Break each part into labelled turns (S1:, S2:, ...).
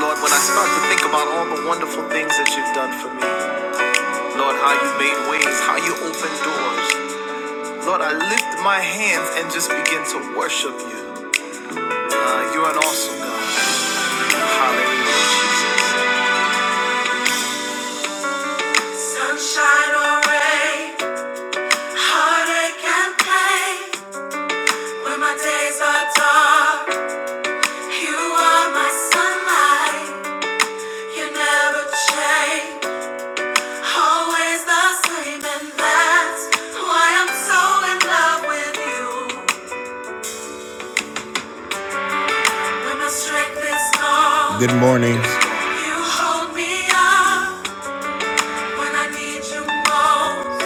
S1: Lord, when I start to think about all the wonderful things that you've done for me, Lord, how you made ways, how you opened doors, Lord, I lift my hands and just begin to worship you. Uh, you're an awesome God. Hallelujah, Jesus. Sunshine or rain, heartache and pain. When my days are dark, you are my sunlight. You never change. Always the same, and that's why I'm so in love with you. When my strength is gone, good morning. You hold me up when I need you most.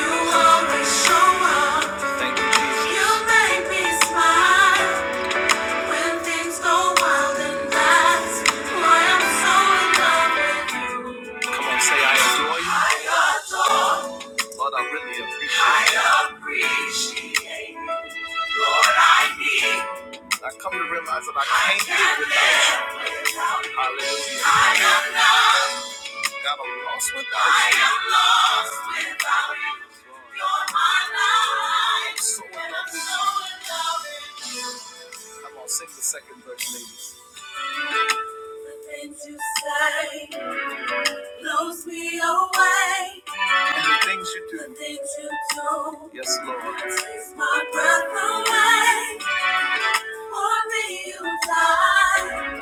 S1: You always show up. Thank you, Jesus. You make me smile when things go wild, and that's why I'm so in love with you. Come say, I adore you. I adore you. Lord, I really appreciate you. I appreciate you. Lord, I need. I come to realize that I can't live without you. Hallelujah. I am lost. God, I'm lost without you. I am lost without you. You're my life. So in love with you. So in love with you. Come on, sing the second verse, ladies. The things you say. blows me away. The things you do. The things you do. Yes, Lord. Takes my breath away. For me, you died.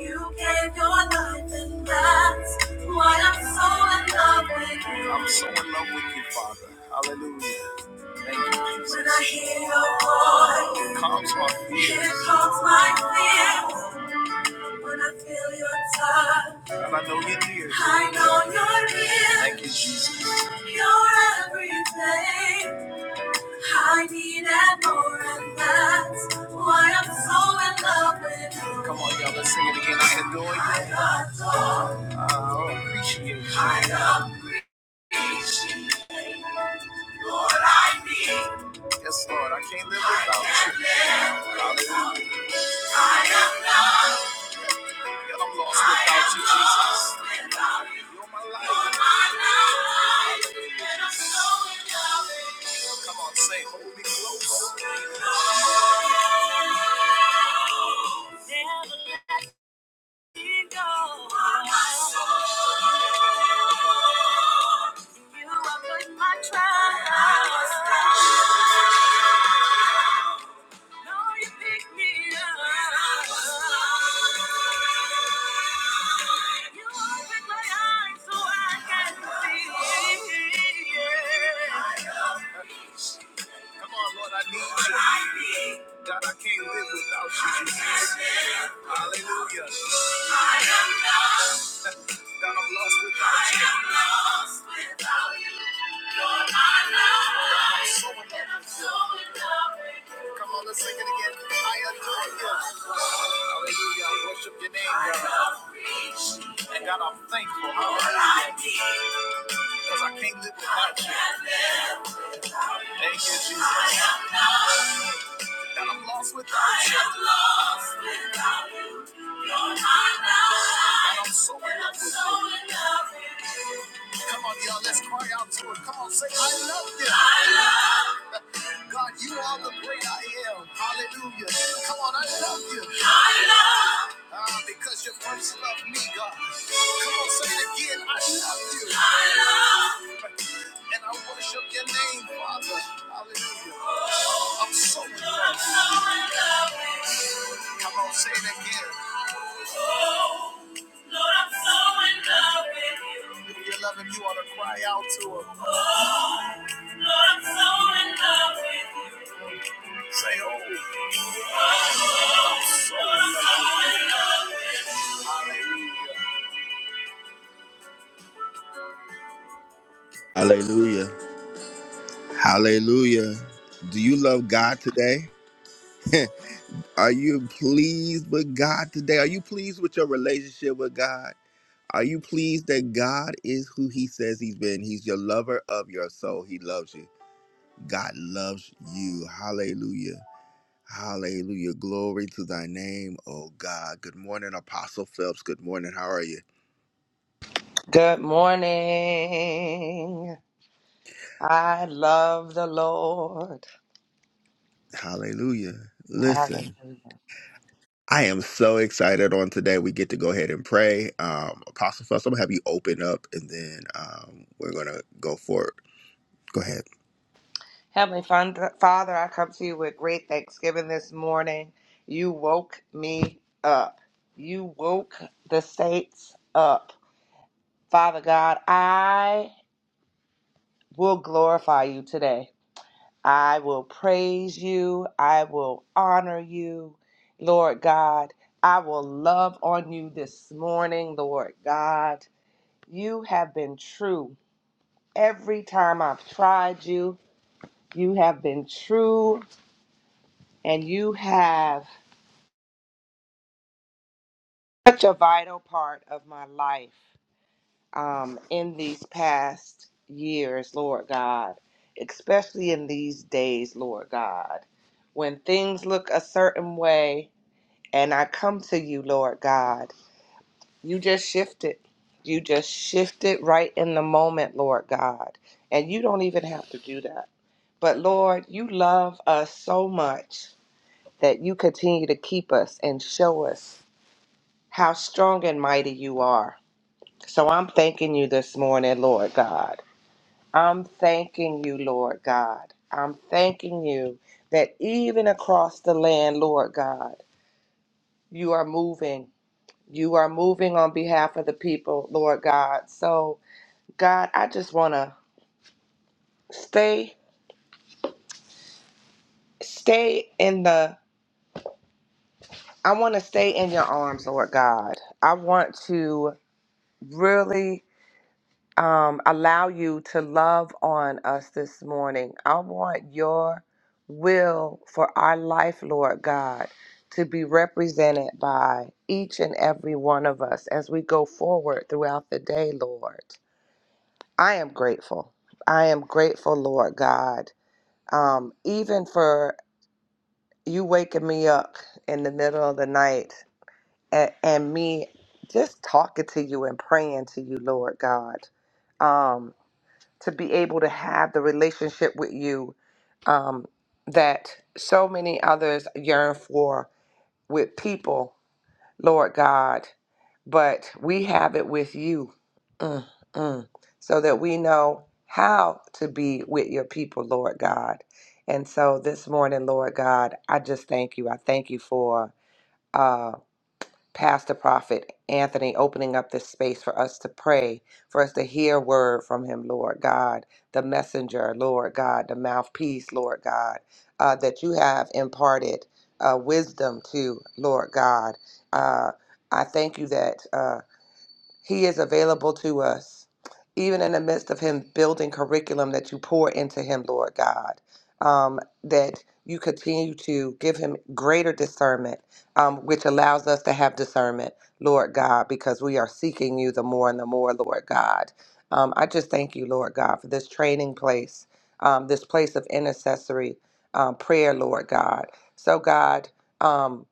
S1: You gave your life, and that's why I'm so in love with you. I'm so in love with you, Father. Hallelujah. Thank you, Jesus. When I hear your voice, here comes my fear. Here comes my fear. When I feel your touch, And I know you're near. I know you're real. Thank you, Jesus. You're everything I need and more, and that's why I'm so in love with you. Come on, y'all. Let's sing it again. I adore you. I adore, I appreciate you. I appreciate you. Lord, I need. Yes, Lord. I can't live without you. I can't live without you. I am loved. Yet I'm lost without you, Jesus. You're my life. You're so in love Come on, say, hold me close. Never let me go. You're my soul. my trust. Come on, Lord, I need you. God, I can't live without you. Hallelujah. I am not. I'm lost without you. you. are my lover. I'm so in love with you. So Come on, let's sing it again. I adore you. Hallelujah. worship your name, I love And God, I'm thankful. Because I can't live without you. Thank you, Jesus that I'm lost without you. I am lost without you. You're my life. I'm so in love with so you. Come on, y'all, let's cry out to it. Come on, say, I love you. I love God, you are the great I am. Hallelujah. Come on, I love you. I love Ah, because you first loved me, God. Come on, say it again. I love you. I love and I worship your name, Father. Hallelujah. I'm so in love with you. Come on, say it again. Oh, Lord, I'm so in love with you. If you're loving, you ought to cry out to him. Oh, Lord, I'm so in love with you. Say, oh. Hallelujah. Hallelujah. Do you love God today? Are you pleased with God today? Are you pleased with your relationship with God? Are you pleased that God is who he says he's been? He's your lover of your soul. He loves you. God loves you. Hallelujah. Hallelujah. Glory to thy name, oh God. Good morning, Apostle Phelps. Good morning. How are you?
S2: Good morning. I love the Lord.
S1: Hallelujah. Listen,
S2: Hallelujah.
S1: I am so excited on today. We get to go ahead and pray. Um, Apostle Phelps, I'm going to have you open up and then um, we're going to go forward. Go ahead.
S2: Heavenly Fun- Father, I come to you with great thanksgiving this morning. You woke me up. You woke the saints up. Father God, I will glorify you today. I will praise you. I will honor you, Lord God. I will love on you this morning, Lord God. You have been true. Every time I've tried you, you have been true and you have such a vital part of my life um, in these past years, Lord God, especially in these days, Lord God, when things look a certain way and I come to you, Lord God, you just shift it. You just shift it right in the moment, Lord God. And you don't even have to do that. But Lord, you love us so much that you continue to keep us and show us how strong and mighty you are. So I'm thanking you this morning, Lord God. I'm thanking you, Lord God. I'm thanking you that even across the land, Lord God, you are moving. You are moving on behalf of the people, Lord God. So, God, I just want to stay stay in the I want to stay in your arms, Lord God. I want to really um, allow you to love on us this morning. I want your will for our life, Lord God, to be represented by each and every one of us as we go forward throughout the day, Lord. I am grateful. I am grateful, Lord God, um, even for you waking me up in the middle of the night and, and me just talking to you and praying to you, Lord God, um, to be able to have the relationship with you um, that so many others yearn for with people, Lord God, but we have it with you. Mm, mm. so that we know how to be with your people, Lord God. And so this morning, Lord God, I just thank you. I thank you for. uh, Pastor Prophet Anthony opening up this space for us to pray, for us to hear word from him, Lord God, the messenger, Lord God, the mouthpiece, Lord God, uh, that you have imparted uh, wisdom to, Lord God. Uh, I thank you that. Uh, he is available to us, even in the midst of Him building curriculum that you pour into Him, Lord God, um, that you continue to give Him greater discernment, um, which allows us to have discernment, Lord God, because we are seeking you the more and the more, Lord God. Um, I just thank you, Lord God, for this training place, um, this place of intercessory um, prayer, Lord God. So, God, um,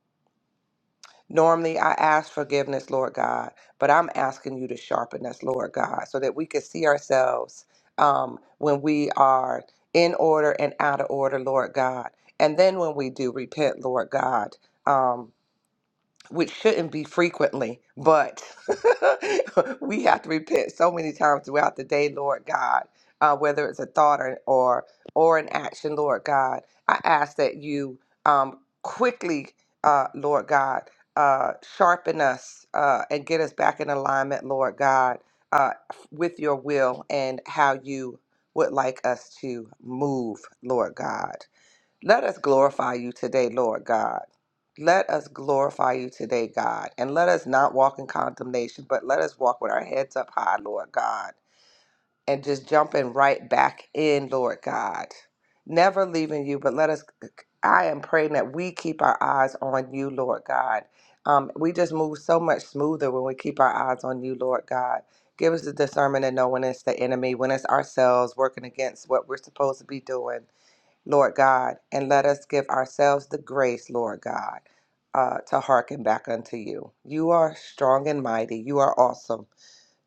S2: Normally, I ask forgiveness, Lord God, but I'm asking you to sharpen us, Lord God, so that we can see ourselves um, when we are in order and out of order, Lord God. And then when we do repent, Lord God. Um, which shouldn't be frequently, but we have to repent so many times throughout the day, Lord God, uh, whether it's a thought or, or or an action, Lord God. I ask that you um, quickly, uh, Lord God, uh, sharpen us uh, and get us back in alignment, Lord God, uh, with your will and how you would like us to move, Lord God. Let us glorify you today, Lord God. Let us glorify you today, God. And let us not walk in condemnation, but let us walk with our heads up high, Lord God. And just jumping right back in, Lord God. Never leaving you, but let us, I am praying that we keep our eyes on you, Lord God. Um, we just move so much smoother when we keep our eyes on you, Lord God. Give us the discernment to know when it's the enemy, when it's ourselves working against what we're supposed to be doing Lord God, and let us give ourselves the grace, Lord God, uh, to hearken back unto you. You are strong and mighty. You are awesome.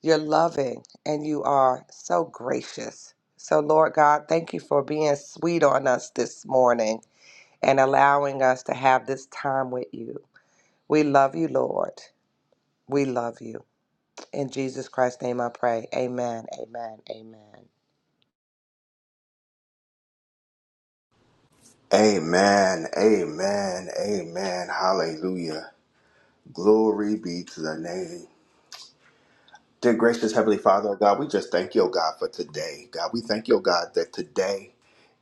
S2: You're loving and you are so gracious. So, Lord God, thank you for being sweet on us this morning and allowing us to have this time with you. We love you, Lord. We love you. In Jesus Christ's name I pray. Amen, amen, amen.
S1: Amen. Amen. Amen. Hallelujah. Glory be to the name. Dear gracious Heavenly Father, oh God, we just thank you, oh God, for today. God, we thank you, oh God, that today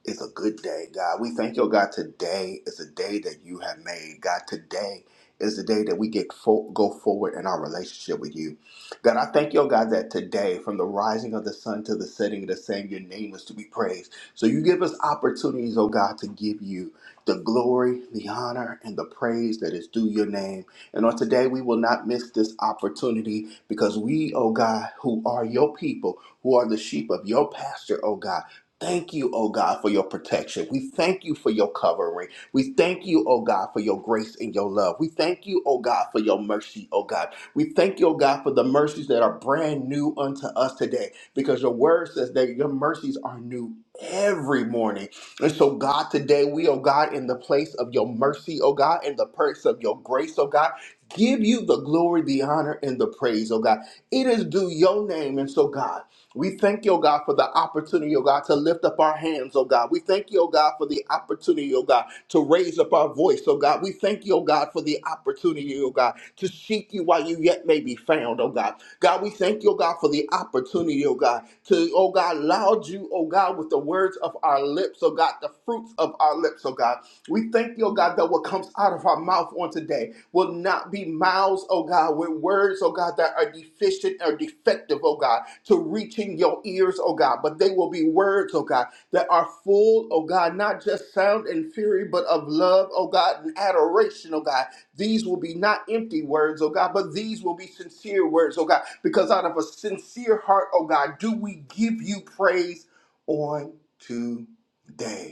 S1: is a good day, God. We thank you, oh God. Today is a day that you have made, God. Today is the day that we get fo- go forward in our relationship with you. God, I thank you, oh God, that today, from the rising of the sun to the setting of the same, your name is to be praised. So you give us opportunities, oh God, to give you the glory, the honor, and the praise that is due your name. And on today, we will not miss this opportunity because we, oh God, who are your people, who are the sheep of your pasture, oh God, Thank you, oh God, for your protection. We thank you for your covering. We thank you, oh God, for your grace and your love. We thank you, oh God, for your mercy, oh God. We thank you, oh God, for the mercies that are brand new unto us today because your word says that your mercies are new every morning. And so, God, today we, oh God, in the place of your mercy, oh God, in the place of your grace, oh God, give you the glory, the honor, and the praise, oh God. It is due your name. And so, God, we thank you, oh God, for the opportunity, oh God, to lift up our hands, oh God. We thank you, oh God, for the opportunity, oh God, to raise up our voice, oh God. We thank you, oh God, for the opportunity, oh God, to seek you while you yet may be found, oh God. God, we thank you, oh God, for the opportunity, oh God, to, oh God, loud you, oh God, with the words of our lips, oh God, the fruits of our lips, oh God. We thank you, oh God, that what comes out of our mouth on today will not be mouths, oh God, with words, oh God, that are deficient or defective, oh God, to reaching your ears, oh God, but they will be words, oh God, that are full, oh God, not just sound and fury, but of love, oh God, and adoration, oh God. These will be not empty words, oh God, but these will be sincere words, oh God, because out of a sincere heart, oh God, do we give you praise on today.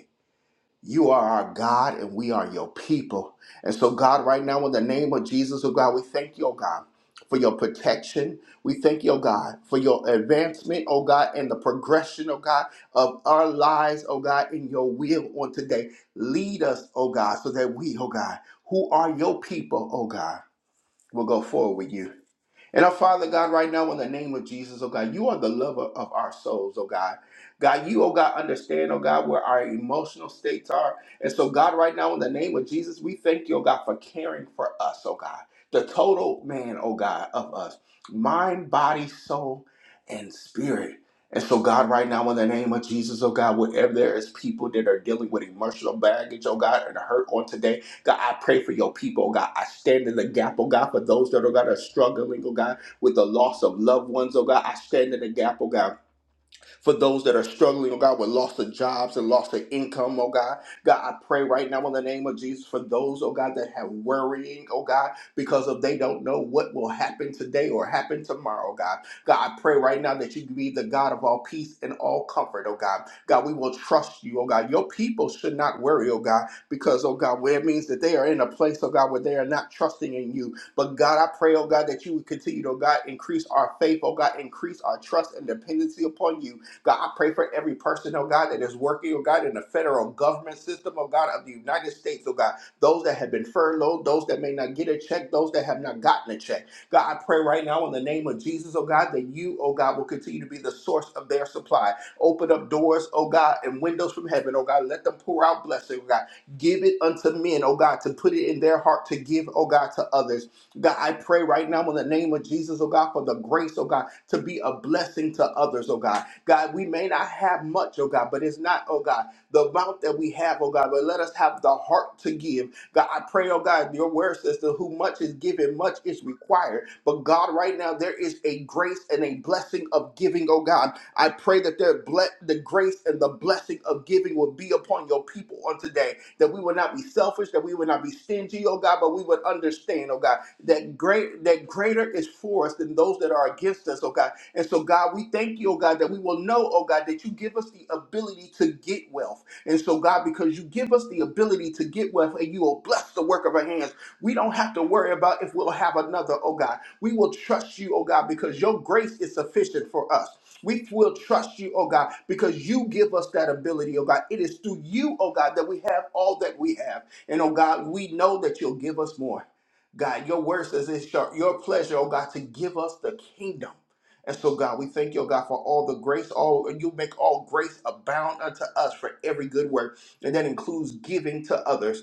S1: You are our God and we are your people. And so, God, right now, in the name of Jesus, oh God, we thank you, oh God, for your protection. We thank you, oh God, for your advancement, oh God, and the progression, oh God, of our lives, oh God, in your will on today. Lead us, oh God, so that we, oh God, who are your people, oh God, will go forward with you. And our Father God, right now, in the name of Jesus, oh God, you are the lover of our souls, oh God. God, you, oh God, understand, oh God, where our emotional states are. And so, God, right now, in the name of Jesus, we thank you, oh God, for caring for us, oh God. The total man, oh God, of us. Mind, body, soul, and spirit. And so, God, right now, in the name of Jesus, oh God, wherever there is people that are dealing with emotional baggage, oh God, and hurt on today, God, I pray for your people, oh God. I stand in the gap, oh God, for those that, oh God, are struggling, oh God, with the loss of loved ones, oh God. I stand in the gap, oh God for those that are struggling, oh God, with loss of jobs and loss of income, oh God. God, I pray right now in the name of Jesus for those, oh God, that have worrying, oh God, because of they don't know what will happen today or happen tomorrow, oh God. God, I pray right now that you be the God of all peace and all comfort, oh God. God, we will trust you, oh God. Your people should not worry, oh God, because, oh God, where it means that they are in a place, oh God, where they are not trusting in you. But God, I pray, oh God, that you would continue to, oh God, increase our faith, oh God, increase our trust and dependency upon you God, I pray for every person, oh God, that is working, oh God, in the federal government system, oh God, of the United States, oh God, those that have been furloughed, those that may not get a check, those that have not gotten a check. God, I pray right now in the name of Jesus, oh God, that you, oh God, will continue to be the source of their supply. Open up doors, oh God, and windows from heaven, oh God. Let them pour out blessing, oh God. Give it unto men, oh God, to put it in their heart to give, oh God, to others. God, I pray right now in the name of Jesus, oh God, for the grace, oh God, to be a blessing to others, oh God. God, we may not have much, oh God, but it's not, oh God, the amount that we have, oh God, but let us have the heart to give. God, I pray, oh God, your word says that who much is given, much is required. But God, right now, there is a grace and a blessing of giving, oh God. I pray that their ble- the grace and the blessing of giving will be upon your people on today. That we will not be selfish, that we will not be stingy, oh God, but we would understand, oh God, that great that greater is for us than those that are against us, oh God. And so, God, we thank you, oh God, that we will know, oh God, that you give us the ability to get wealth. And so, God, because you give us the ability to get wealth and you will bless the work of our hands, we don't have to worry about if we'll have another, oh God. We will trust you, oh God, because your grace is sufficient for us. We will trust you, oh God, because you give us that ability, oh God. It is through you, oh God, that we have all that we have. And oh God, we know that you'll give us more. God, your word says it's your your pleasure, oh God, to give us the kingdom. And so, God, we thank you, oh God, for all the grace. All and you make all grace abound unto us for every good work, and that includes giving to others.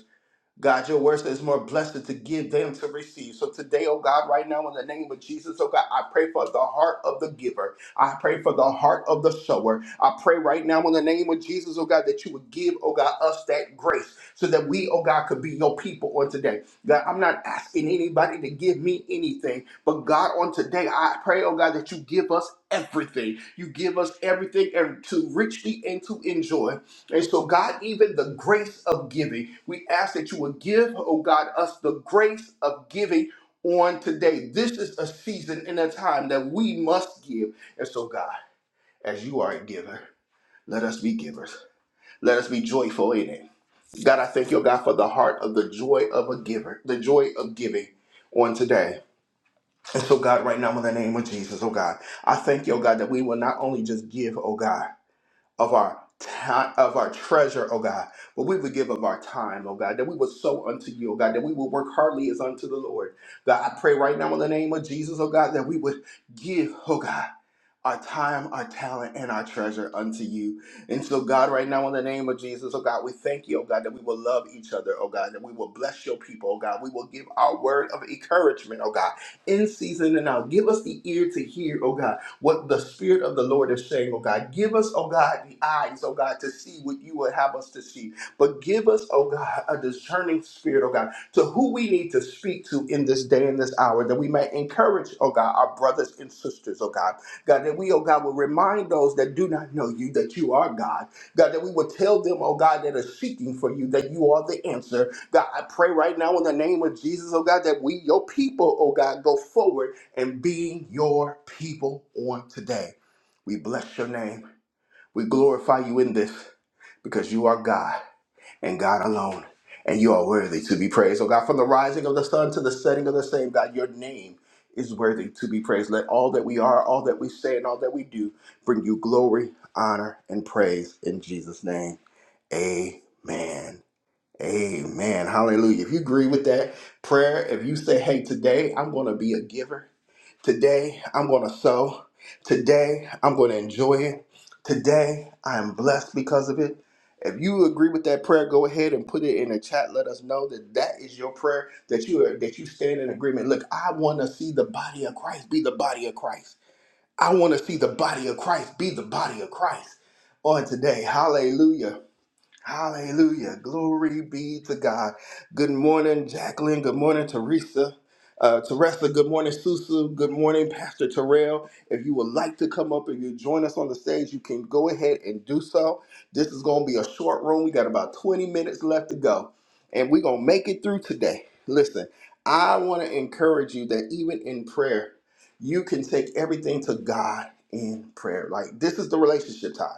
S1: God, your word says more blessed to give than to receive. So today, oh God, right now in the name of Jesus, oh God, I pray for the heart of the giver. I pray for the heart of the sower. I pray right now in the name of Jesus, oh God, that you would give, oh God, us that grace so that we, oh God, could be your people on today. God, I'm not asking anybody to give me anything, but God, on today, I pray, oh God, that you give us everything. You give us everything and to richly and to enjoy. And so, God, even the grace of giving, we ask that you would give, oh God, us the grace of giving on today. This is a season and a time that we must give. And so, God, as you are a giver, let us be givers. Let us be joyful in it. God, I thank you, oh God, for the heart of the joy of a giver, the joy of giving on today. And so, God, right now, in the name of Jesus, oh God, I thank you, oh God, that we will not only just give, oh God, of our time, of our treasure, oh God, but we would give of our time, oh God, that we would sow unto you, oh God, that we would work hardly as unto the Lord. God, I pray right now in the name of Jesus, oh God, that we would give, oh God our time, our talent, and our treasure unto you. And so, God, right now, in the name of Jesus, oh God, we thank you, oh God, that we will love each other, oh God, that we will bless your people, oh God. We will give our word of encouragement, oh God, in season and out. Give us the ear to hear, oh God, what the Spirit of the Lord is saying, oh God. Give us, oh God, the eyes, oh God, to see what you would have us to see. But give us, oh God, a discerning spirit, oh God, to who we need to speak to in this day and this hour, that we may encourage, oh God, our brothers and sisters, oh God. God, that we, oh God, will remind those that do not know you that you are God. God, that we will tell them, oh God, that are seeking for you that you are the answer. God, I pray right now in the name of Jesus, oh God, that we, your people, oh God, go forward and being your people on today. We bless your name. We glorify you in this because you are God and God alone. And you are worthy to be praised. Oh God, from the rising of the sun to the setting of the same, God, your name is worthy to be praised. Let all that we are, all that we say, and all that we do bring you glory, honor, and praise in Jesus' name. Amen. Amen. Hallelujah. If you agree with that prayer, if you say, hey, today I'm going to be a giver, today I'm going to sow, today I'm going to enjoy it, today I am blessed because of it. If you agree with that prayer, go ahead and put it in the chat. Let us know that that is your prayer that you are, that you stand in agreement. Look, I want to see the body of Christ be the body of Christ. I want to see the body of Christ be the body of Christ on today. Hallelujah. Hallelujah. Glory be to God. Good morning, Jacqueline. Good morning, Teresa. Uh, Teresa, good morning, Susu. Good morning, Pastor Terrell. If you would like to come up and you join us on the stage, you can go ahead and do so. This is going to be a short room. We got about 20 minutes left to go, and we're going to make it through today. Listen, I want to encourage you that even in prayer, you can take everything to God in prayer. Like, this is the relationship time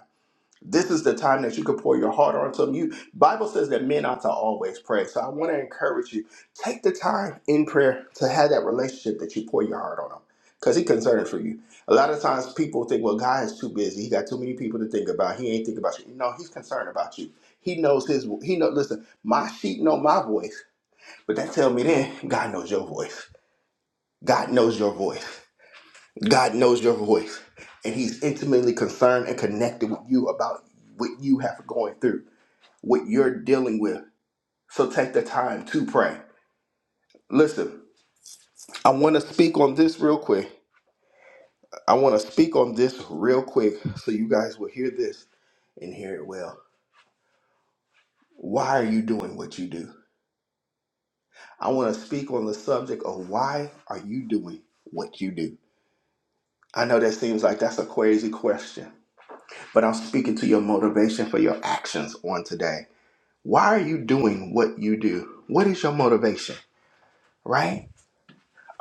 S1: this is the time that you can pour your heart onto them. You Bible says that men ought to always pray. So I want to encourage you, take the time in prayer to have that relationship that you pour your heart on them. Because he concerned for you. A lot of times people think, well, God is too busy. He got too many people to think about. He ain't thinking about you. No, he's concerned about you. He knows his he know listen, my sheep know my voice. But that tell me then God knows your voice. God knows your voice. God knows your voice, and He's intimately concerned and connected with you about what you have going through, what you're dealing with. So take the time to pray. Listen, I want to speak on this real quick. I want to speak on this real quick so you guys will hear this and hear it well. Why are you doing what you do? I want to speak on the subject of why are you doing what you do? I know that seems like that's a crazy question, but I'm speaking to your motivation for your actions on today. Why are you doing what you do? What is your motivation, right?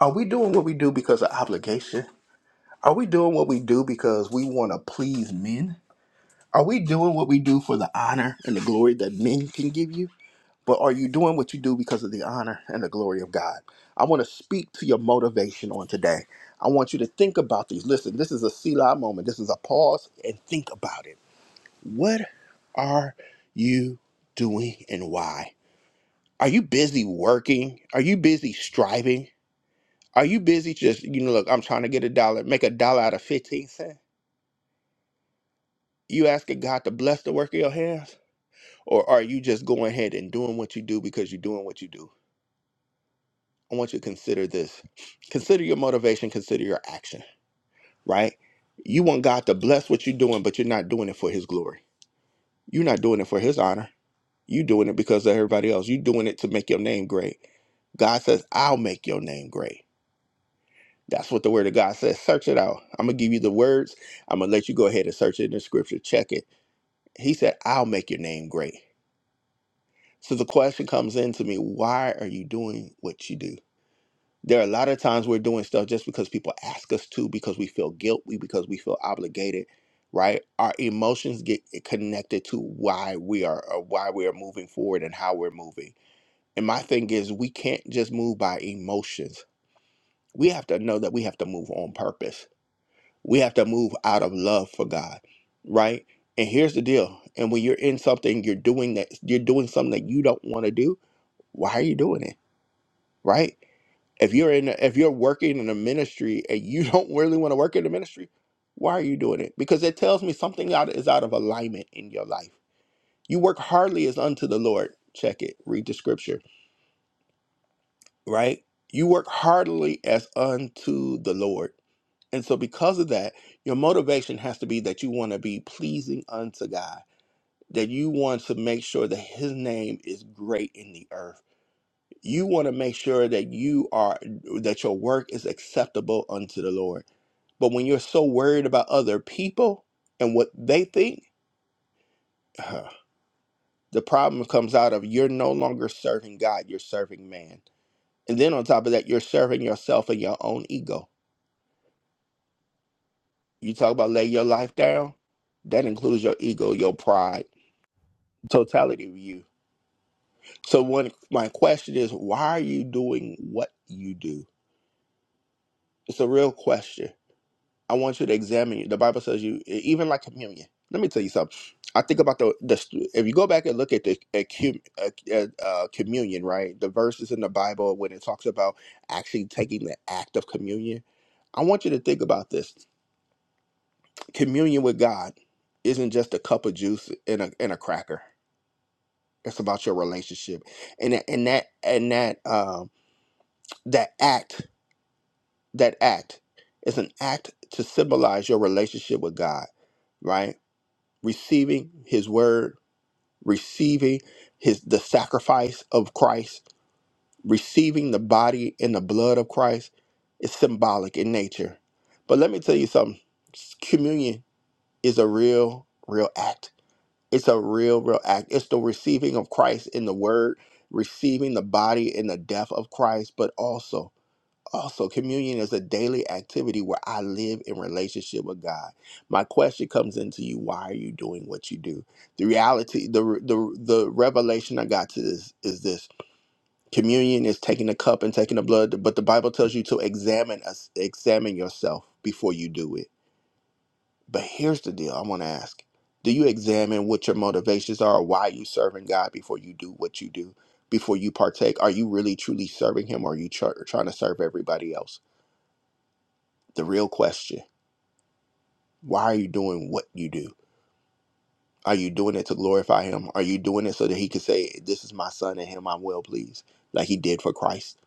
S1: Are we doing what we do because of obligation? Are we doing what we do because we want to please men? Are we doing what we do for the honor and the glory that men can give you? But are you doing what you do because of the honor and the glory of God? I want to speak to your motivation on today. I want you to think about these. Listen, this is a Selah moment. This is a pause and think about it. What are you doing and why? Are you busy working? Are you busy striving? Are you busy just, you know, look, I'm trying to get a dollar, make a dollar out of 15 cents? You asking God to bless the work of your hands? Or are you just going ahead and doing what you do because you're doing what you do? I want you to consider this. Consider your motivation, consider your action, right? You want God to bless what you're doing, but you're not doing it for his glory. You're not doing it for his honor. You're doing it because of everybody else. You're doing it to make your name great. God says, I'll make your name great. That's what the word of God says. Search it out. I'm going to give you the words. I'm going to let you go ahead and search it in the scripture. Check it. He said, I'll make your name great. So the question comes in to me why are you doing what you do? There are a lot of times we're doing stuff just because people ask us to, because we feel guilty, because we feel obligated, right? Our emotions get connected to why we are or why we are moving forward and how we're moving. And my thing is we can't just move by emotions. We have to know that we have to move on purpose We have to move out of love for God, right? And here's the deal. And when you're in something, you're doing that, you're doing something that you don't want to do. Why are you doing it, right? If you're in, if you're working in a ministry and you don't really want to work in the ministry, why are you doing it? Because it tells me something out is out of alignment in your life. You work hardly as unto the Lord. Check it. Read the scripture right? You work heartily as unto the Lord. And so, because of that, your motivation has to be that you want to be pleasing unto God, that you want to make sure that His name is great in the earth. You want to make sure that you are that your work is acceptable unto the Lord. But when you're so worried about other people and what they think, the problem comes out of you're no longer serving God, you're serving man. And then on top of that, you're serving yourself and your own ego You talk about lay your life down. That includes your ego, your pride, totality of you. So one, my question is, why are you doing what you do? It's a real question. I want you to examine it. The Bible says you, e, even like communion. Let me tell you something. I think about the, the if you go back and look at the at, cum- at, at, uh, communion, right? The verses in the Bible when it talks about actually taking the act of communion. I want you to think about this. Communion with God isn't just a cup of juice and a and a cracker It's about your relationship, and that- and that and that um, that act that act is an act to symbolize your relationship with God, right? Receiving His word, receiving His the sacrifice of Christ, receiving the body and the blood of Christ is symbolic in nature. But let me tell you something: communion is a real, real act It's a real, real act. It's the receiving of Christ in the word, receiving the body in the death of Christ, but also, also communion is a daily activity where I live in relationship with God. My question comes into you: Why are you doing what you do? The reality, the the the revelation I got to this is this: communion is taking the cup and taking the blood, but the Bible tells you to examine us, examine yourself before you do it but here's the deal I want to ask Do you examine what your motivations are, why you serving God before you do what you do, before you partake? Are you really truly serving Him or are you tr- trying to serve everybody else? The real question why are you doing what you do? Are you doing it to glorify Him? Are you doing it so that He could say, This is my Son and Him I'm well pleased, like He did for Christ?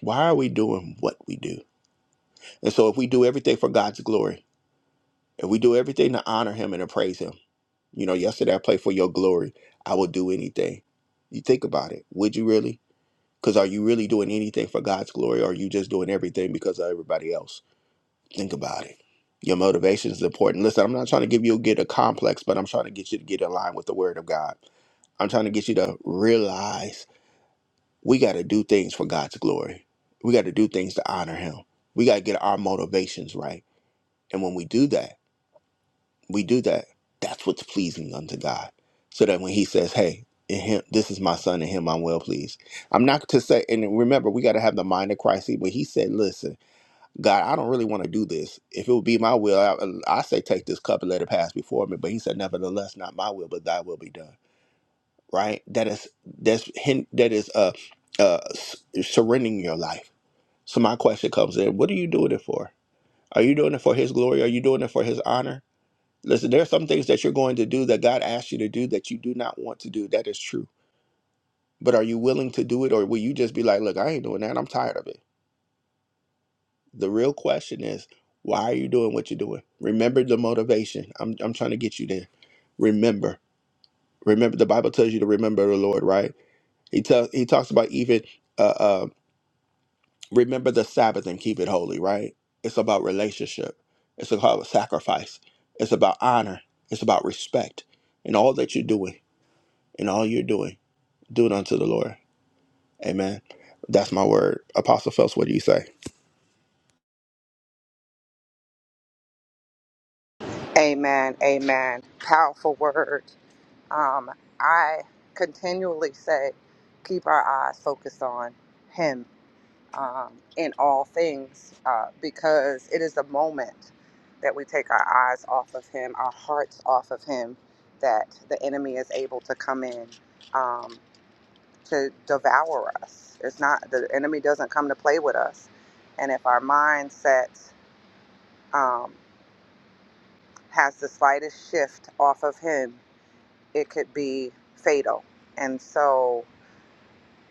S1: Why are we doing what we do? And so if we do everything for God's glory, if we do everything to honor Him and to praise Him, You know, yesterday I played for your glory. I will do anything. You think about it. Would you really? Because are you really doing anything for God's glory or are you just doing everything because of everybody else? Think about it. Your motivation is important. Listen, I'm not trying to give you get a complex, but I'm trying to get you to get in line with the word of God. I'm trying to get you to realize we got to do things for God's glory. We got to do things to honor him. We got to get our motivations right. And when we do that, We do that. That's what's pleasing unto God. So that when He says, "Hey, in Him, this is my Son, in Him I'm well pleased." I'm not to say, and remember, we got to have the mind of Christ. But He said, "Listen, God, I don't really want to do this. If it would be my will, I, I say, take this cup and let it pass before me." But He said, "Nevertheless, not my will, but Thy will be done." Right? That is that's hin- that is uh uh s- surrendering your life. So my question comes in: What are you doing it for? Are you doing it for His glory? Are you doing it for His honor? Listen, there are some things that you're going to do that God asks you to do that you do not want to do. That is true. But are you willing to do it or will you just be like, look, I ain't doing that. I'm tired of it. The real question is, why are you doing what you're doing? Remember the motivation. I'm, I'm trying to get you there. Remember. Remember, the Bible tells you to remember the Lord, right? He, tells he talks about even uh, uh, remember the Sabbath and keep it holy, right? It's about relationship. It's about sacrifice. It's about honor. It's about respect. And all that you're doing and all you're doing. do it unto the Lord. Amen. That's my word. Apostle Phelps, what do you say?
S2: Amen. Amen. Powerful word. Um, I continually say, keep our eyes focused on Him um, in all things, uh, because it is the moment that we take our eyes off of Him, our hearts off of Him, that the enemy is able to come in um, to devour us. It's not the enemy doesn't come to play with us, and if our mindset um, has the slightest shift off of Him, it could be fatal. And so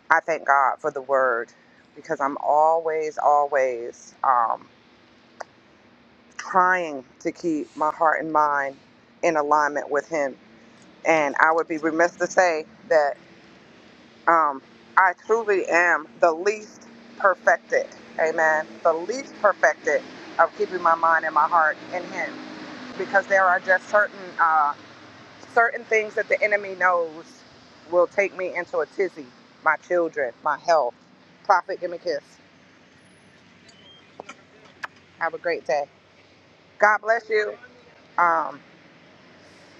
S2: I thank God for the word because I'm always, always um, trying to keep my heart and mind in alignment with Him. And I would be remiss to say that um, I truly am the least perfected, amen, the least perfected of keeping my mind and my heart in Him because there are just certain, uh, certain things that the enemy knows will take me into a tizzy my children, my health. Prophet, give me a kiss Have a great day. God bless you. Um,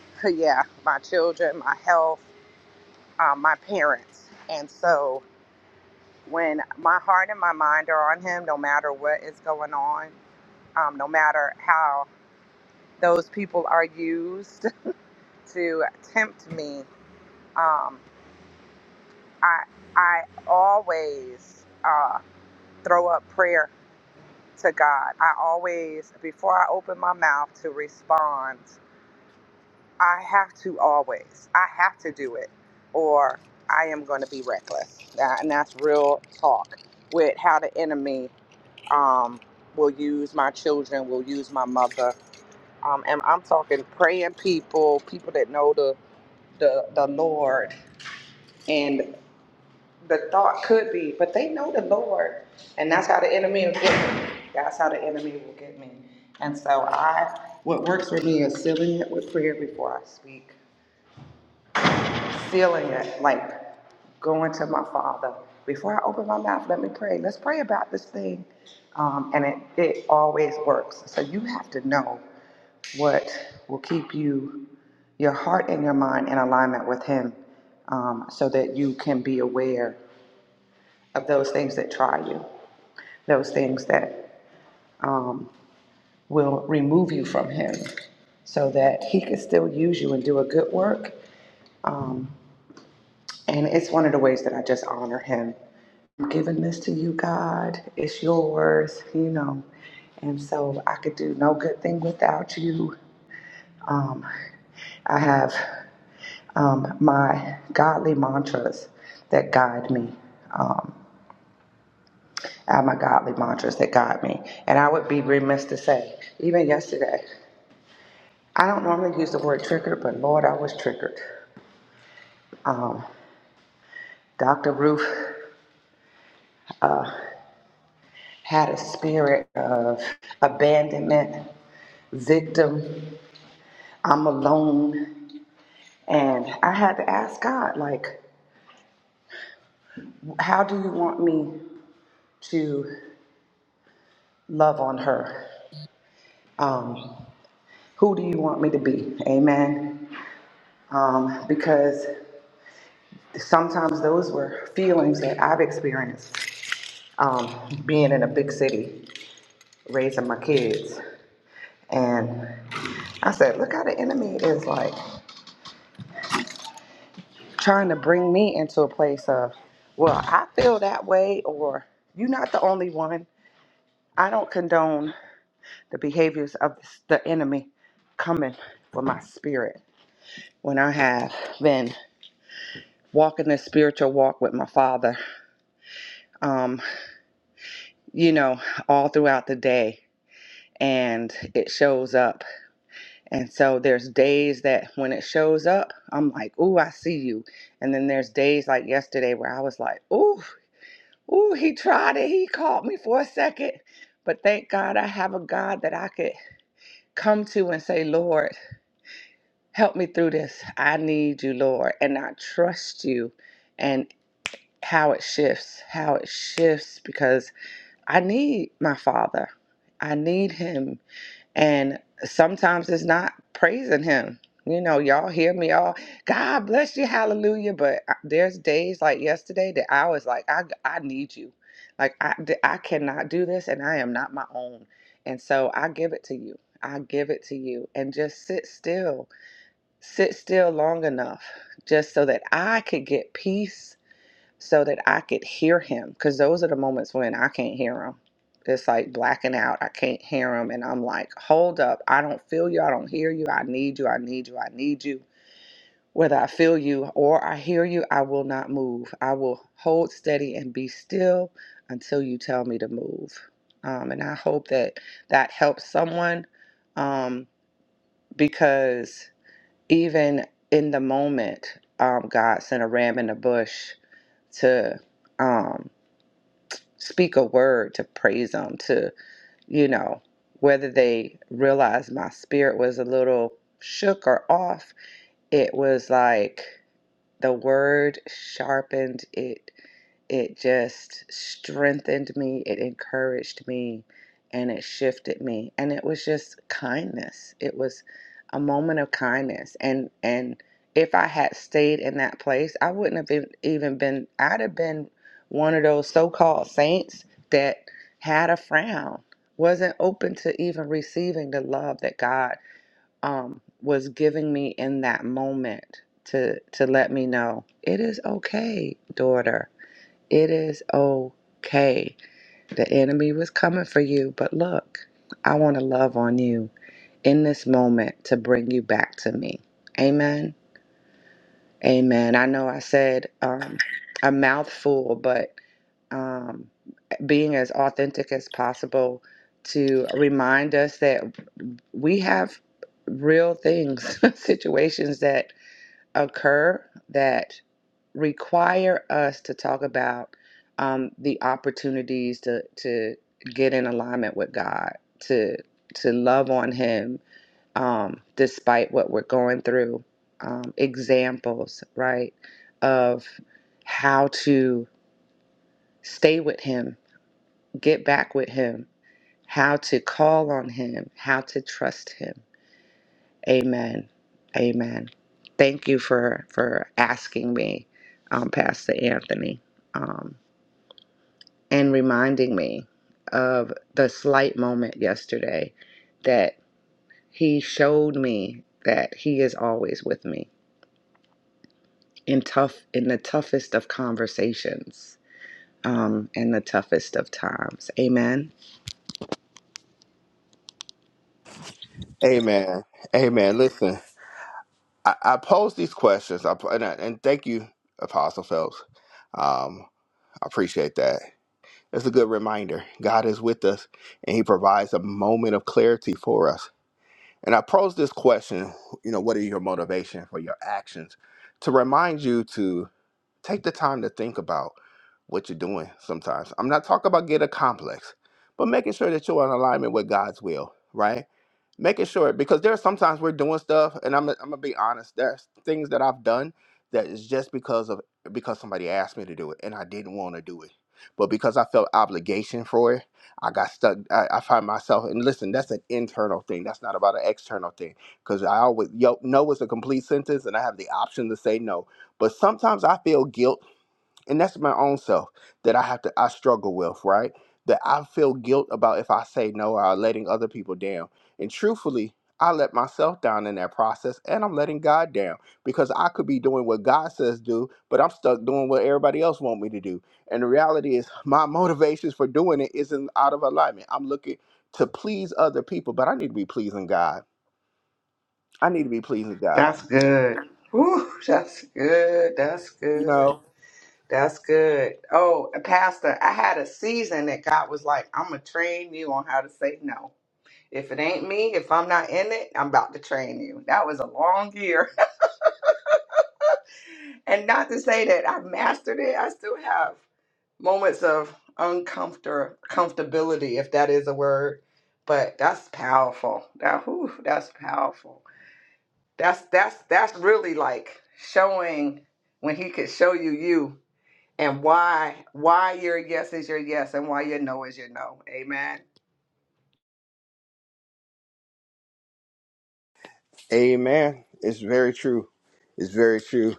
S2: yeah, my children, my health, um, my parents. And so when my heart and my mind are on Him, no matter what is going on, um, no matter how those people are used to tempt me, um, I, I always uh, throw up prayer to God. I always, before I open my mouth to respond, I have to always, I have to do it, or I am going to be reckless. That, and that's real talk with how the enemy um, will use my children, will use my mother. Um, and I'm talking praying people, people that know the, the, the Lord. And the thought could be, but they know the Lord. And that's how the enemy will get me. That's how the enemy will get me. And so I, what works for me is sealing it with prayer before I speak feeling it, like going to my father. Before I open my mouth, let me pray. Let's pray about this thing. Um, and it, it always works. So you have to know what will keep you, your heart and your mind in alignment with Him um, so that you can be aware of those things that try you, those things that um, will remove you from Him so that He can still use you and do a good work. um, And it's one of the ways that I just honor him. I'm giving this to you, God. It's yours, you know. And so I could do no good thing without you. Um, I have um, my godly mantras that guide me. Um, I have my godly mantras that guide me. And I would be remiss to say, even yesterday, I don't normally use the word triggered, but Lord, I was triggered. Um, Dr. Ruth had a spirit of abandonment victim. I'm alone. And I had to ask God, like, how do you want me to love on her? Um, who do you want me to be? Amen. Um, because sometimes those were feelings that I've experienced um, being in a big city, raising my kids. And I said, look how the enemy is like trying to bring me into a place of, well, I feel that way, or you're not the only one. I don't condone the behaviors of the enemy coming for my spirit when I have been walking this spiritual walk with my father, um, you know, all throughout the day and it shows up. And so there's days that when it shows up, I'm like, ooh, I see you. And then there's days like yesterday where I was like, ooh, ooh, he tried it. He caught me for a second. But thank God I have a God that I could come to and say, Lord, Help me through this. I need you, Lord. And I trust you and how it shifts, how it shifts because I need my Father. I need Him. And sometimes it's not praising Him. You know, y'all hear me all, God bless you, hallelujah. But I- there's days like yesterday that I was like, I, I need you. Like, I, th- I cannot do this and I am not my own. And so I give it to you. I give it to you and just sit still sit still long enough just so that I could get peace, so that I could hear him. Because those are the moments when I can't hear him. It's like blacking out. I can't hear him. And I'm like, hold up. I don't feel you. I don't hear you. I need you. I need you. I need you. Whether I feel you or I hear you, I will not move. I will hold steady and be still until you tell me to move. Um, and I hope that that helps someone um, because even in the moment, um, God sent a ram in the bush to um, speak a word to praise Him, to, you know, whether they realized my spirit was a little shook or off, it was like the word sharpened it it just strengthened me, it encouraged me, and it shifted me. And it was just kindness. It was a moment of kindness. And and if I had stayed in that place, I wouldn't have been, even been. I'd have been one of those so-called saints that had a frown, wasn't open to even receiving the love that God um, was giving me in that moment to to let me know it is okay, daughter it is okay. The enemy was coming for you, but look, I want to love on you in this moment to bring you back to me. Amen. Amen. I know I said um, a mouthful, but um, being as authentic as possible to remind us that we have real things, situations that occur that require us to talk about um, the opportunities to to get in alignment with God, to to love on Him um, despite what we're going through. Um, examples, right, of how to stay with Him, get back with Him, how to call on Him, how to trust Him Amen. Amen. Thank you for for asking me, um, Pastor Anthony, um, and reminding me of the slight moment yesterday that he showed me that he is always with me in tough in the toughest of conversations um, in the toughest of times. Amen.
S1: Amen. Amen. Listen, I, I pose these questions, I, and, I- and thank you, Apostle Phelps. Um, I appreciate that. It's a good reminder. God is with us, and He provides a moment of clarity for us. And I pose this question: You know, what are your motivation for your actions? To remind you to take the time to think about what you're doing sometimes. I'm not talking about get a complex, but making sure that you're in alignment with God's will, right? Making sure because there are sometimes we're doing stuff, and I'm I'm gonna be honest. There's things that I've done that is just because of because somebody asked me to do it, and I didn't want to do it, but because I felt obligation for it, I got stuck. I, I find myself, and listen, that's an internal thing. That's not about an external thing. Because I always yo, no is a complete sentence, and I have the option to say no. But sometimes I feel guilt and that's my own self that I have to I struggle with, right? That I feel guilt about if I say no or letting other people down. And truthfully, I let myself down in that process and I'm letting God down because I could be doing what God says do, but I'm stuck doing what everybody else want me to do. And the reality is my motivations for doing it isn't out of alignment. I'm looking to please other people, but I need to be pleasing God. I need to be pleasing God.
S2: That's good. Woo, that's good. That's
S1: You
S2: good.
S1: know?
S2: That's good. Oh, uh, Pastor, I had a season that God was like, I'm going to train you on how to say no. If it ain't me, if I'm not in it, I'm about to train you. That was a long year. and not to say that I've mastered it, I still have moments of uncomfort comfortability, if that is a word. But that's powerful. That whew, that's powerful. That's that's that's really like showing when he could show you you. and why why your yes is your yes and why your no is your no. Amen.
S1: Amen. It's very true. It's very true.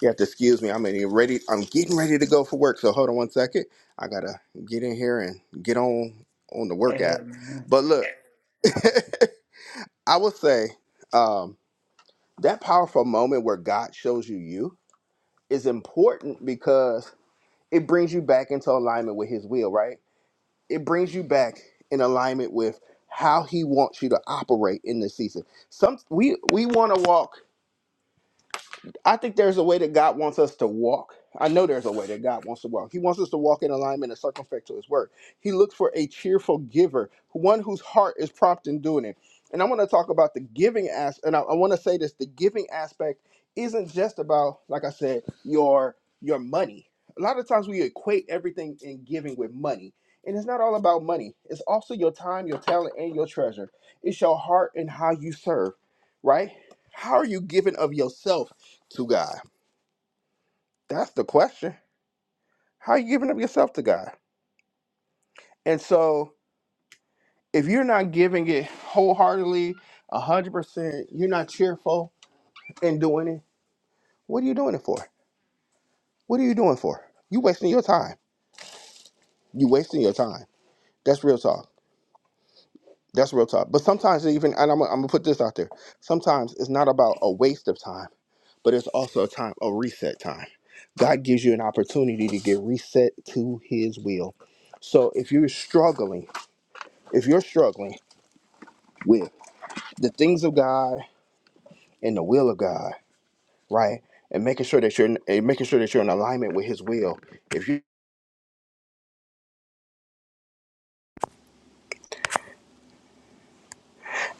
S1: You have to excuse me. I'm getting ready. I'm getting ready to go for work. So hold on one second. I gotta get in here and get on on the work app.
S2: Amen.
S1: But look, I would say um, that powerful moment where God shows you you is important because it brings you back into alignment with His will. Right? It brings you back in alignment with how He wants you to operate in this season. Some we we want to walk. I think there's a way that God wants us to walk. I know there's a way that God wants to walk. He wants us to walk in alignment and circumspect to His word. He looks for a cheerful giver, one whose heart is prompt in doing it. And I want to talk about the giving aspect. and I, I want to say this: the giving aspect isn't just about, like I said, your your money. A lot of times we equate everything in giving with money, and it's not all about money. It's also your time, your talent, and your treasure. It's your heart and how you serve, right? How are you giving of yourself? to God? That's the question. How are you giving up yourself to God? And so if you're not giving it wholeheartedly, 100%, you're not cheerful in doing it, what are you doing it for? What are you doing for? You wasting your time. You wasting your time. That's real talk. That's real talk. But sometimes even, and I'm, I'm gonna put this out there. Sometimes it's not about a waste of time, but it's also a time, a reset time. God gives you an opportunity to get reset to His will. So if you're struggling if you're struggling with the things of God and the will of God, right, and making sure that you're in, and making sure that you're in alignment with His will, if you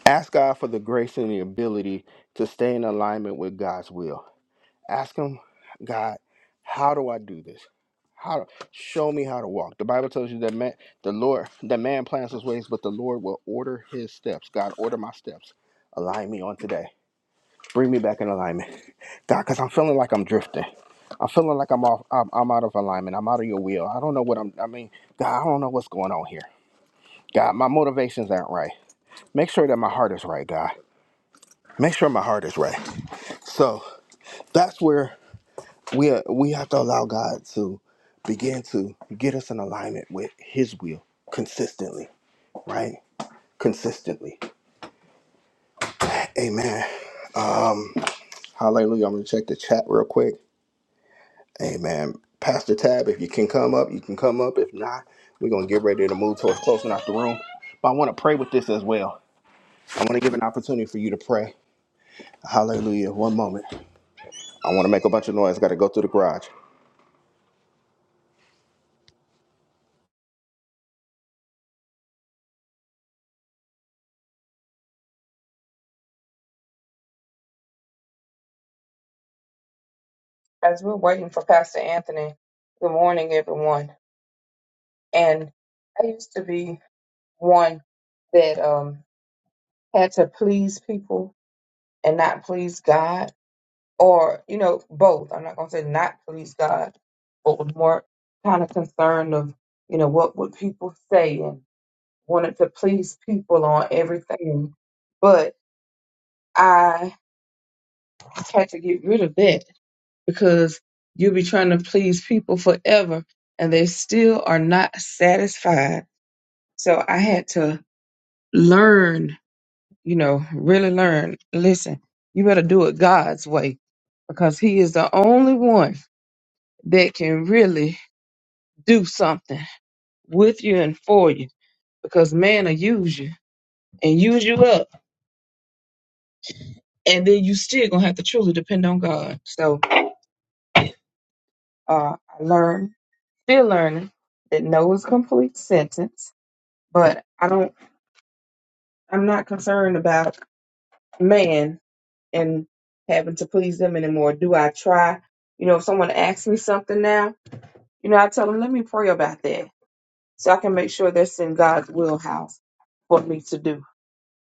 S1: ask God for the grace and the ability to stay in alignment with God's will, ask Him, God, how do I do this? How do, show me how to walk? The Bible tells you that man, the Lord, that man plans his ways, but the Lord will order his steps. God, order my steps. Align me on today. Bring me back in alignment, God, because I'm feeling like I'm drifting. I'm feeling like I'm off. I'm, I'm out of alignment. I'm out of your will. I don't know what I'm. I mean, God, I don't know what's going on here. God, my motivations aren't right. Make sure that my heart is right, God. Make sure my heart is right. So that's where we are, we have to allow God to begin to get us in alignment with His will consistently, right? Consistently. Amen. Um, hallelujah. I'm gonna check the chat real quick. Amen. Pastor Tab, if you can come up, you can come up. If not, we're going to get ready to move towards closing out the room. But I want to pray with this as well. I want to give an opportunity for you to pray. Hallelujah. One moment. I want to make a bunch of noise. Got to go through the garage.
S3: as we're waiting for Pastor Anthony, good morning, everyone. And I used to be one that um, had to please people and not please God, or, you know, both. I'm not going to say not please God, but was more kind of concerned of, you know, what would people say and wanted to please people on everything. But I had to get rid of that because you'll be trying to please people forever and they still are not satisfied. So I had to learn, you know, really learn. Listen, you better do it God's way because He is the only one that can really do something with you and for you because man will use you and use you up. And then you still gonna have to truly depend on God. So uh, I learned, still learning that no is a complete sentence, but I don't I'm not concerned about man and having to please them anymore. Do I try? You know, if someone asks me something now, you know, I tell them, let me pray about that so I can make sure that's in God's wheelhouse for me to do.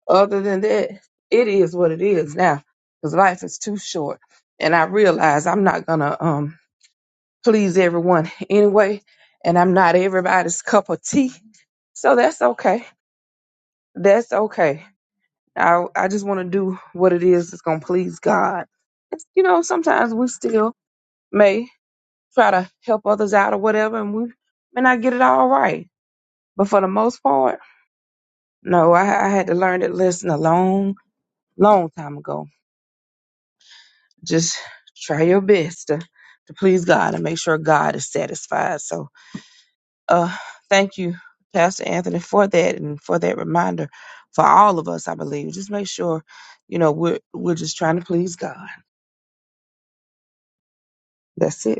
S3: Other than that, it is what it is now because life is too short. And I realize I'm not going to um, please everyone anyway, and I'm not everybody's cup of tea. So that's okay. That's okay I I just want to do what it is that's gonna please God. It's- you know, sometimes we still may try to help others out or whatever, and we may not get it all right. But for the most part, no, I, I had to learn that lesson a long, long time ago. Just try your best to, to please God and make sure God is satisfied. So, uh, thank you, Pastor Anthony, for that and for that reminder for all of us. I believe just make sure, you know, we're we're just trying to please God. That's it.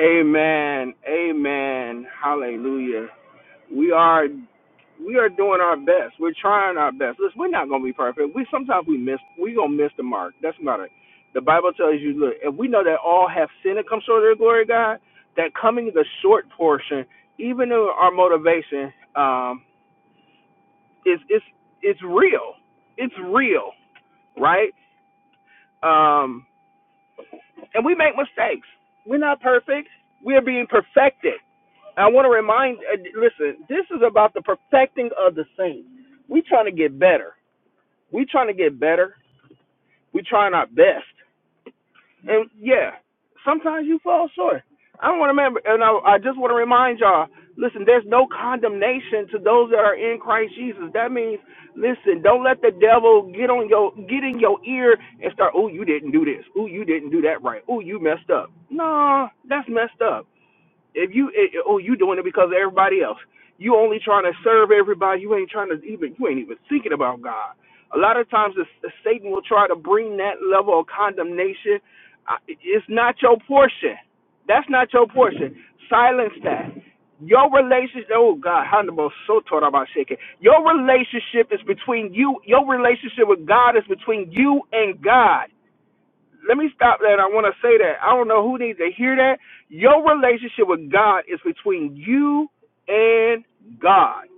S1: Amen. Amen. Hallelujah. We are we are doing our best. We're trying our best. Listen, we're not gonna be perfect. We sometimes we miss we gonna miss the mark. That's about it. The Bible tells you, look, if we know that all have sinned and come short of the glory of God, that coming the short portion, even though our motivation, um, is it's it's real. It's real, right? Um, and we make mistakes. We're not perfect. We're being perfected. I want to remind, uh, listen, this is about the perfecting of the saints. We are trying to get better. We trying to get better. We trying our best. And yeah, sometimes you fall short. I don't want to remember, and I, I just want to remind y'all. Listen, there's no condemnation to those that are in Christ Jesus. That means, listen, don't let the devil get on your get in your ear and start. Oh, you didn't do this. Oh, you didn't do that right. Oh, you messed up. No, that's messed up. If you it, oh you doing it because of everybody else. You only trying to serve everybody. You ain't trying to even you ain't even thinking about God. A lot of times the, the Satan will try to bring that level of condemnation. I- It's not your portion. That's not your portion. Silence that. Your relationship, oh God, how the most so taught about shaking. Your relationship is between you. Your relationship with God is between you and God let me stop that. I want to say that. I don't know who needs to hear that. Your relationship with God is between you and God.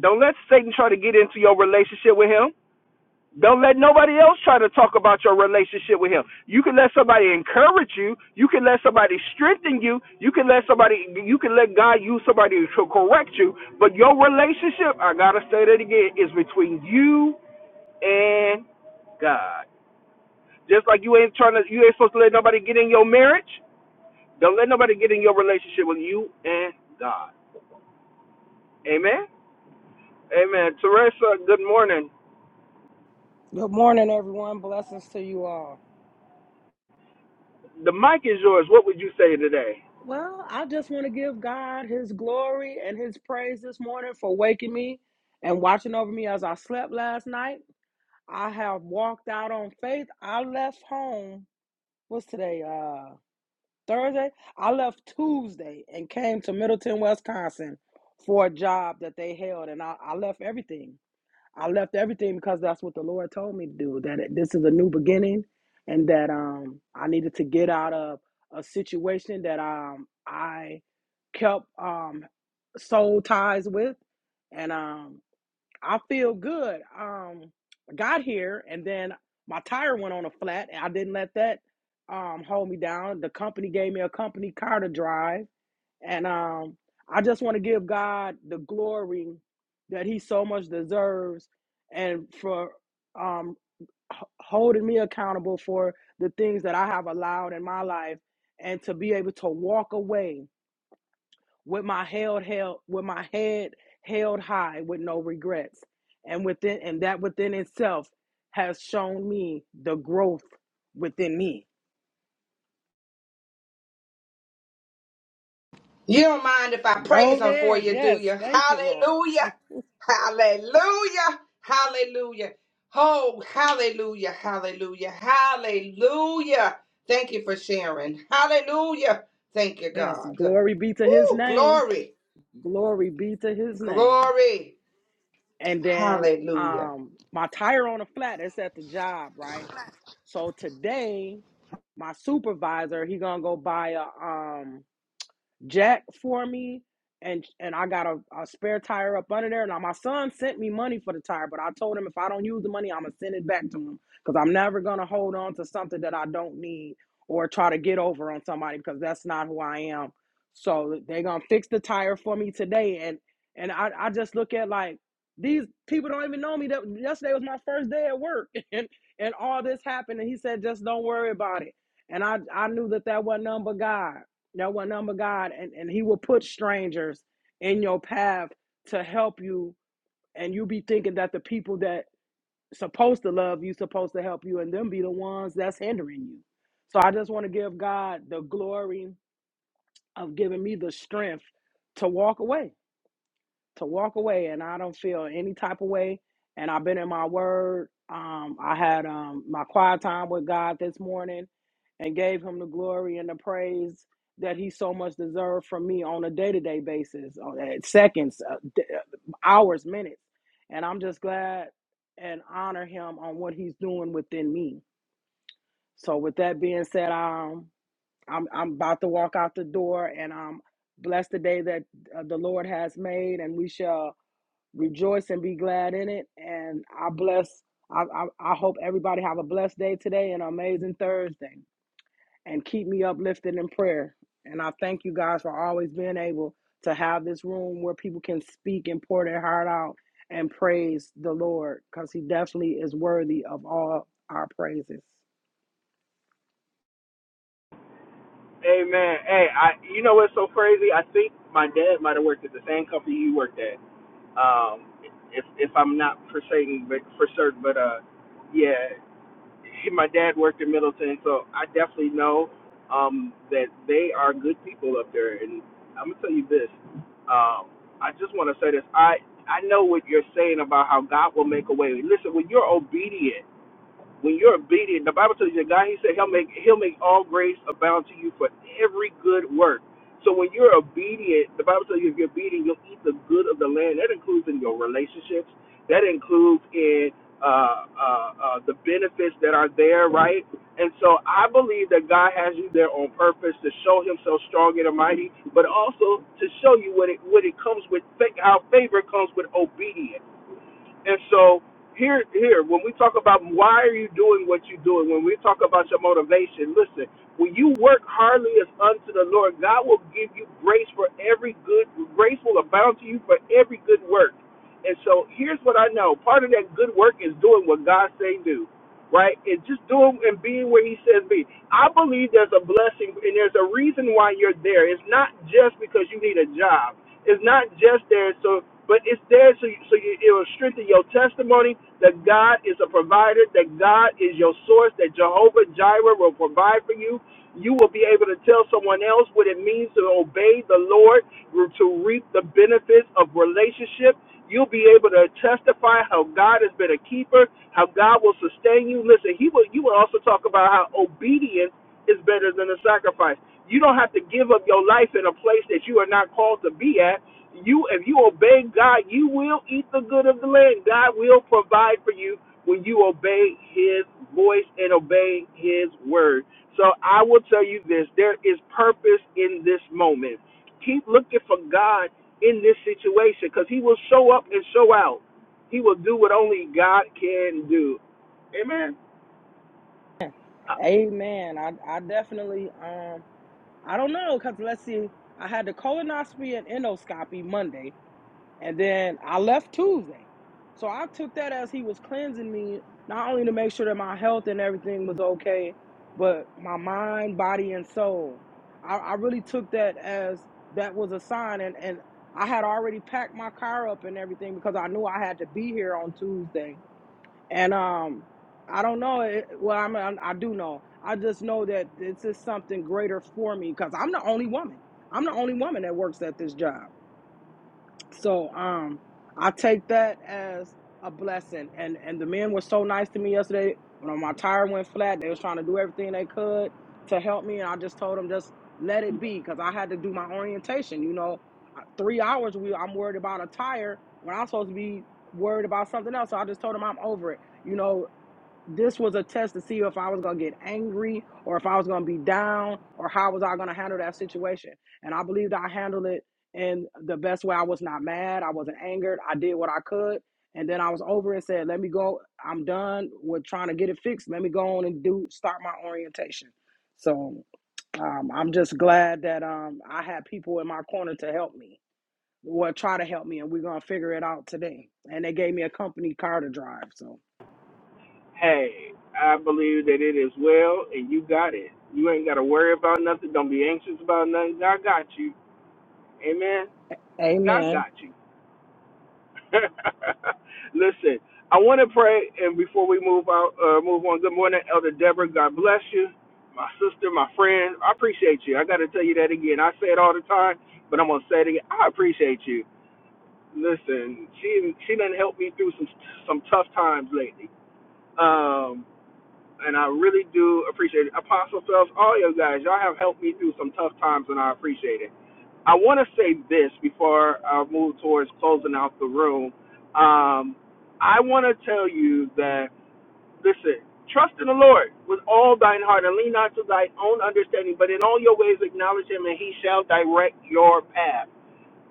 S1: Don't let Satan try to get into your relationship with him. Don't let nobody else try to talk about your relationship with him. You can let somebody encourage you. You can let somebody strengthen you. You can let somebody you can let God use somebody to correct you. But your relationship, I gotta say that again, is between you and God. Just like you ain't trying to, you ain't supposed to let nobody get in your marriage. Don't let nobody get in your relationship with you and God. Amen. Amen. Teresa, good morning.
S4: Good morning, everyone. Blessings to you all.
S1: The mic is yours. What would you say today?
S4: Well, I just want to give God his glory and his praise this morning for waking me and watching over me as I slept last night. I have walked out on faith. I left home, what's today, uh, Thursday? I left Tuesday and came to Middleton, Wisconsin for a job that they held, and I, I left everything. I left everything because that's what the Lord told me to do. That it- this is a new beginning, and that um I needed to get out of a situation that um I kept um soul ties with, and um I feel good. Um, I got here, and then my tire went on a flat, and I didn't let that um hold me down. The company gave me a company car to drive and um, I just want to give God the glory that He so much deserves and for um, h- holding me accountable for the things that I have allowed in my life and to be able to walk away with my held held with my head held high with no regrets and within and that within itself has shown me the growth within me
S2: You don't mind if I
S4: go
S2: praise him for
S4: ahead
S2: you, do
S4: yes
S2: you?
S4: thank you lord
S2: Hallelujah. Hallelujah. Hallelujah. Oh, hallelujah. Hallelujah. Hallelujah. Thank you for sharing. Hallelujah. Thank you,
S4: yes
S2: God.
S4: glory be to his
S2: Woo,
S4: name
S2: glory.
S4: Glory be to his name.
S2: Glory.
S4: And then
S2: Hallelujah.
S4: um my tire on the flat is at the job, right? So today my supervisor, he gonna go buy a um jack for me and and I got a, a spare tire up under there. Now my son sent me money for the tire, but I told him if I don't use the money, I'm gonna send it back to him because I'm never gonna hold on to something that I don't need or try to get over on somebody because that's not who I am. So they gonna fix the tire for me today, and and I, I just look at like these people don't even know me. That yesterday was my first day at work, and and all this happened, and he said just don't worry about it. And I I knew that that wasn't none but God Know what number God, and, and He will put strangers in your path to help you, and you be thinking that the people that supposed to love you, supposed to help you, and them be the ones that's hindering you. So I just want to give God the glory of giving me the strength to walk away to walk away and I don't feel any type of way. And I've been in my word. Um, I had um, my quiet time with God this morning and gave him the glory and the praise that he so much deserved from me on a day to day basis, on uh, seconds, uh, d- uh, hours, minutes. And I'm just glad and honor him on what he's doing within me. So, with that being said, um, I'm, I'm about to walk out the door and um, bless the day that uh, the Lord has made, and we shall rejoice and be glad in it. And I bless. I, I, I hope everybody have a blessed day today and an amazing Thursday. And keep me uplifted in prayer. And I thank you guys for always being able to have this room where people can speak and pour their heart out and praise the Lord because He definitely is worthy of all our praises.
S1: Amen. Hey, I, you know what's so crazy? I think my dad might have worked at the same company you worked at. Um, if if I'm not for certain, but for certain, but uh, yeah. Hey, my dad worked in Middleton, so I definitely know um, that they are good people up there. And I'm gonna tell you this. Um, I just want to say this. I I know what you're saying about how God will make a way. Listen, when you're obedient when you're obedient, the Bible tells you that God, He said He'll make He'll make all grace abound to you for every good work. So when you're obedient, the Bible tells you if you're obedient, you'll eat the good of the land. That includes in your relationships. That includes in uh, uh, uh, the benefits that are there, right? And so I believe that God has you there on purpose to show Himself strong and mighty, but also to show you what it what it comes with. How favor comes with obedience. And so here, here, when we talk about why are you doing what you're doing, when we talk about your motivation, listen, when you work hardly as unto the Lord, God will give you grace for every good, grace will abound to you for every good work. And so here's what I know. Part of that good work is doing what God say do right? And just doing and being where He says be. I believe there's a blessing and there's a reason why you're there. It's not just because you need a job. It's not just there so, but it's there so you, so you, it will strengthen your testimony that God is a provider, that God is your source, that Jehovah Jireh will provide for you. You will be able to tell someone else what it means to obey the Lord, to reap the benefits of relationship. You'll be able to testify how God has been a keeper, how God will sustain you. Listen, he will you will also talk about how obedience is better than a sacrifice. You don't have to give up your life in a place that you are not called to be at. You if you obey God, you will eat the good of the land. God will provide for you when you obey his voice and obey his word. So I will tell you this, there is purpose in this moment keep looking for God in this situation because He will show up and show out. He will do what only God can do. Amen. Uh,
S4: Amen. I, I definitely um I don't know because let's see. I had the colonoscopy and endoscopy Monday. And then I left Tuesday. So I took that as he was cleansing me, not only to make sure that my health and everything was okay, but my mind, body, and soul. I, I really took that as that was a sign. And, and I had already packed my car up and everything because I knew I had to be here on Tuesday. And um, I don't know. It, well, I mean, I do know. I just know that this is something greater for me because I'm the only woman. I'm the only woman that works at this job. So um, I take that as a blessing. And and the men were so nice to me yesterday. When my tire went flat, they was trying to do everything they could to help me, and I just told them just let it be because I had to do my orientation. You know, I- three hours we I'm worried about a tire when I'm supposed to be worried about something else. So I just told them I'm over it. You know, this was a test to see if I was gonna get angry or if I was gonna be down or how was I gonna handle that situation. And I believed I handled it in the best way. I was not mad, I wasn't angered, I did what I could. And then I was over and said, Let me go. I'm done with trying to get it fixed. Let me go on and do start my orientation. So um, I'm just glad that um, I had people in my corner to help me. or try to help me, and we're gonna figure it out today. And they gave me a company car to drive. So,
S1: Hey, I believe that it is well, and you got it. You ain't got to worry about nothing. Don't be anxious about nothing. God got you. Amen. God
S4: Amen.
S1: got you. Listen, I want to pray, and before we move out, uh, move on. Good morning, Elder Deborah. God bless you, my sister, my friend. I appreciate you. I got to tell you that again. I say it all the time, but I'm gonna say it again. I appreciate you. Listen, she she done helped me through some some tough times lately. Um, and I really do appreciate it. Apostle Phelps, all you guys, y'all have helped me through some tough times, and I appreciate it. I want to say this before I move towards closing out the room. Um, I want to tell you that, listen, trust in the Lord with all thine heart and lean not to thine own understanding, but in all your ways acknowledge him, and he shall direct your path.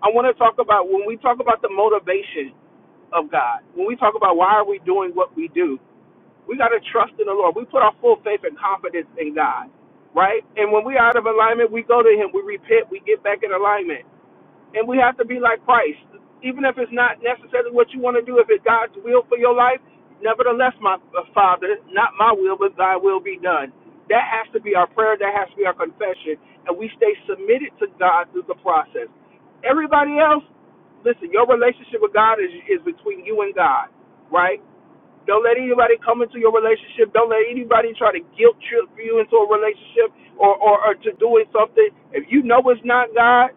S1: I want to talk about when we talk about the motivation of God, when we talk about why are we doing what we do, we got to trust in the Lord. We put our full faith and confidence in God, right? And when we are out of alignment, we go to Him. We repent. We get back in alignment and we have to be like Christ. Even if it's not necessarily what you want to do, if it's God's will for your life, nevertheless, my uh, Father, not my will, but thy will be done. That has to be our prayer. That has to be our confession. And we stay submitted to God through the process. Everybody else, listen, your relationship with God is, is between you and God, right? Don't let anybody come into your relationship. Don't let anybody try to guilt trip you into a relationship or, or, or to doing something. If you know it's not God,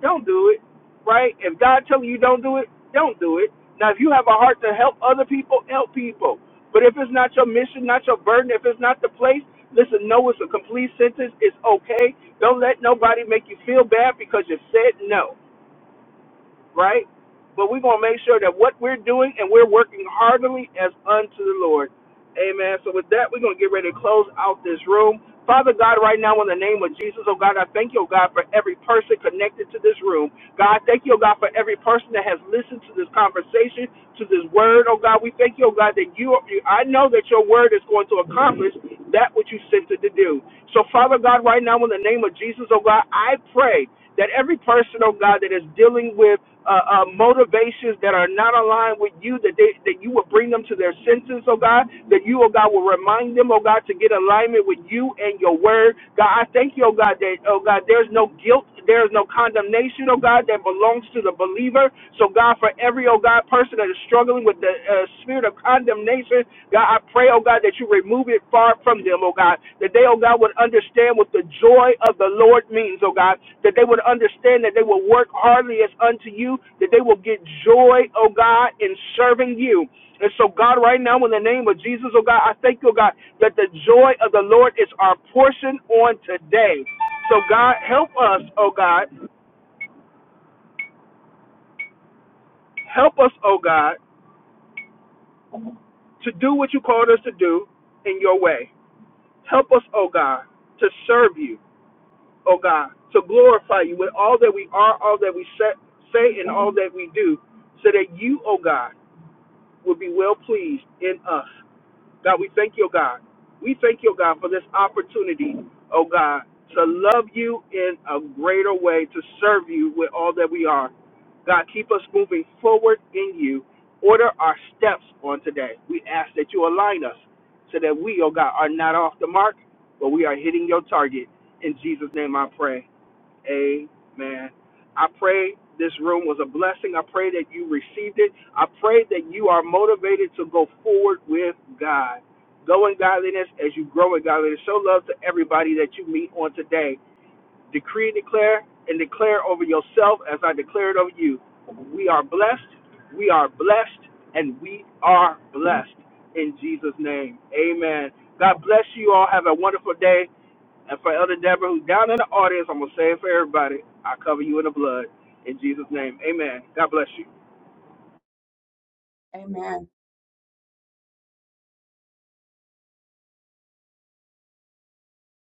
S1: don't do it, right? If God telling you don't do it, don't do it. Now, if you have a heart to help other people, help people. But if it's not your mission, not your burden, if it's not the place, listen, no, it's a complete sentence. It's okay. Don't let nobody make you feel bad because you said no right? But we're going to make sure that what we're doing and we're working heartily as unto the Lord. Amen. So with that, we're going to get ready to close out this room. Father God, right now in the name of Jesus, oh God, I thank you, oh God, for every person connected to this room. God, thank you, oh God, for every person that has listened to this conversation, to this word, oh God. We thank you, oh God, that you, I know that your word is going to accomplish that which you sent it to do. So Father God, right now in the name of Jesus, oh God, I pray that every person, oh God, that is dealing with uh, uh, motivations that are not aligned with you, that they, that you will bring them to their senses, oh God, that you, oh God, will remind them, oh God, to get alignment with you and your word. God, I thank you, oh God, that, oh God, there's no guilt, there's no condemnation, oh God, that belongs to the believer. So, God, for every, oh God, person that is struggling with the uh, spirit of condemnation, God, I pray, oh God, that you remove it far from them, oh God, that they, oh God, would understand what the joy of the Lord means, oh God, that they would understand that they will work hardly as unto you, that they will get joy, oh God, in serving you. And so, God, right now, in the name of Jesus, oh God, I thank you, oh God, that the joy of the Lord is our portion on today. So, God, help us, oh God, help us, oh God, to do what you called us to do in your way. Help us, oh God, to serve you. oh God, to glorify you with all that we are, all that we sa- say, and all that we do, so that you, oh God, will be well pleased in us. God, we thank you, oh God. We thank you, oh God, for this opportunity, oh God, to love you in a greater way, to serve you with all that we are. God, keep us moving forward in you. Order our steps on today. We ask that you align us so that we, oh God, are not off the mark, but we are hitting your target. In Jesus' name I pray. Amen. I pray this room was a blessing. I pray that you received it. I pray that you are motivated to go forward with God. Go in godliness as you grow in godliness. Show love to everybody that you meet on today decree and declare and declare over yourself as I declared over you. We are blessed, we are blessed, and we are blessed in Jesus' name. Amen. God bless you all. Have a wonderful day. And for Elder Deborah, who's down in the audience, I'm going to say it for everybody. I cover you in the blood. In Jesus' name. Amen. God bless you.
S3: Amen.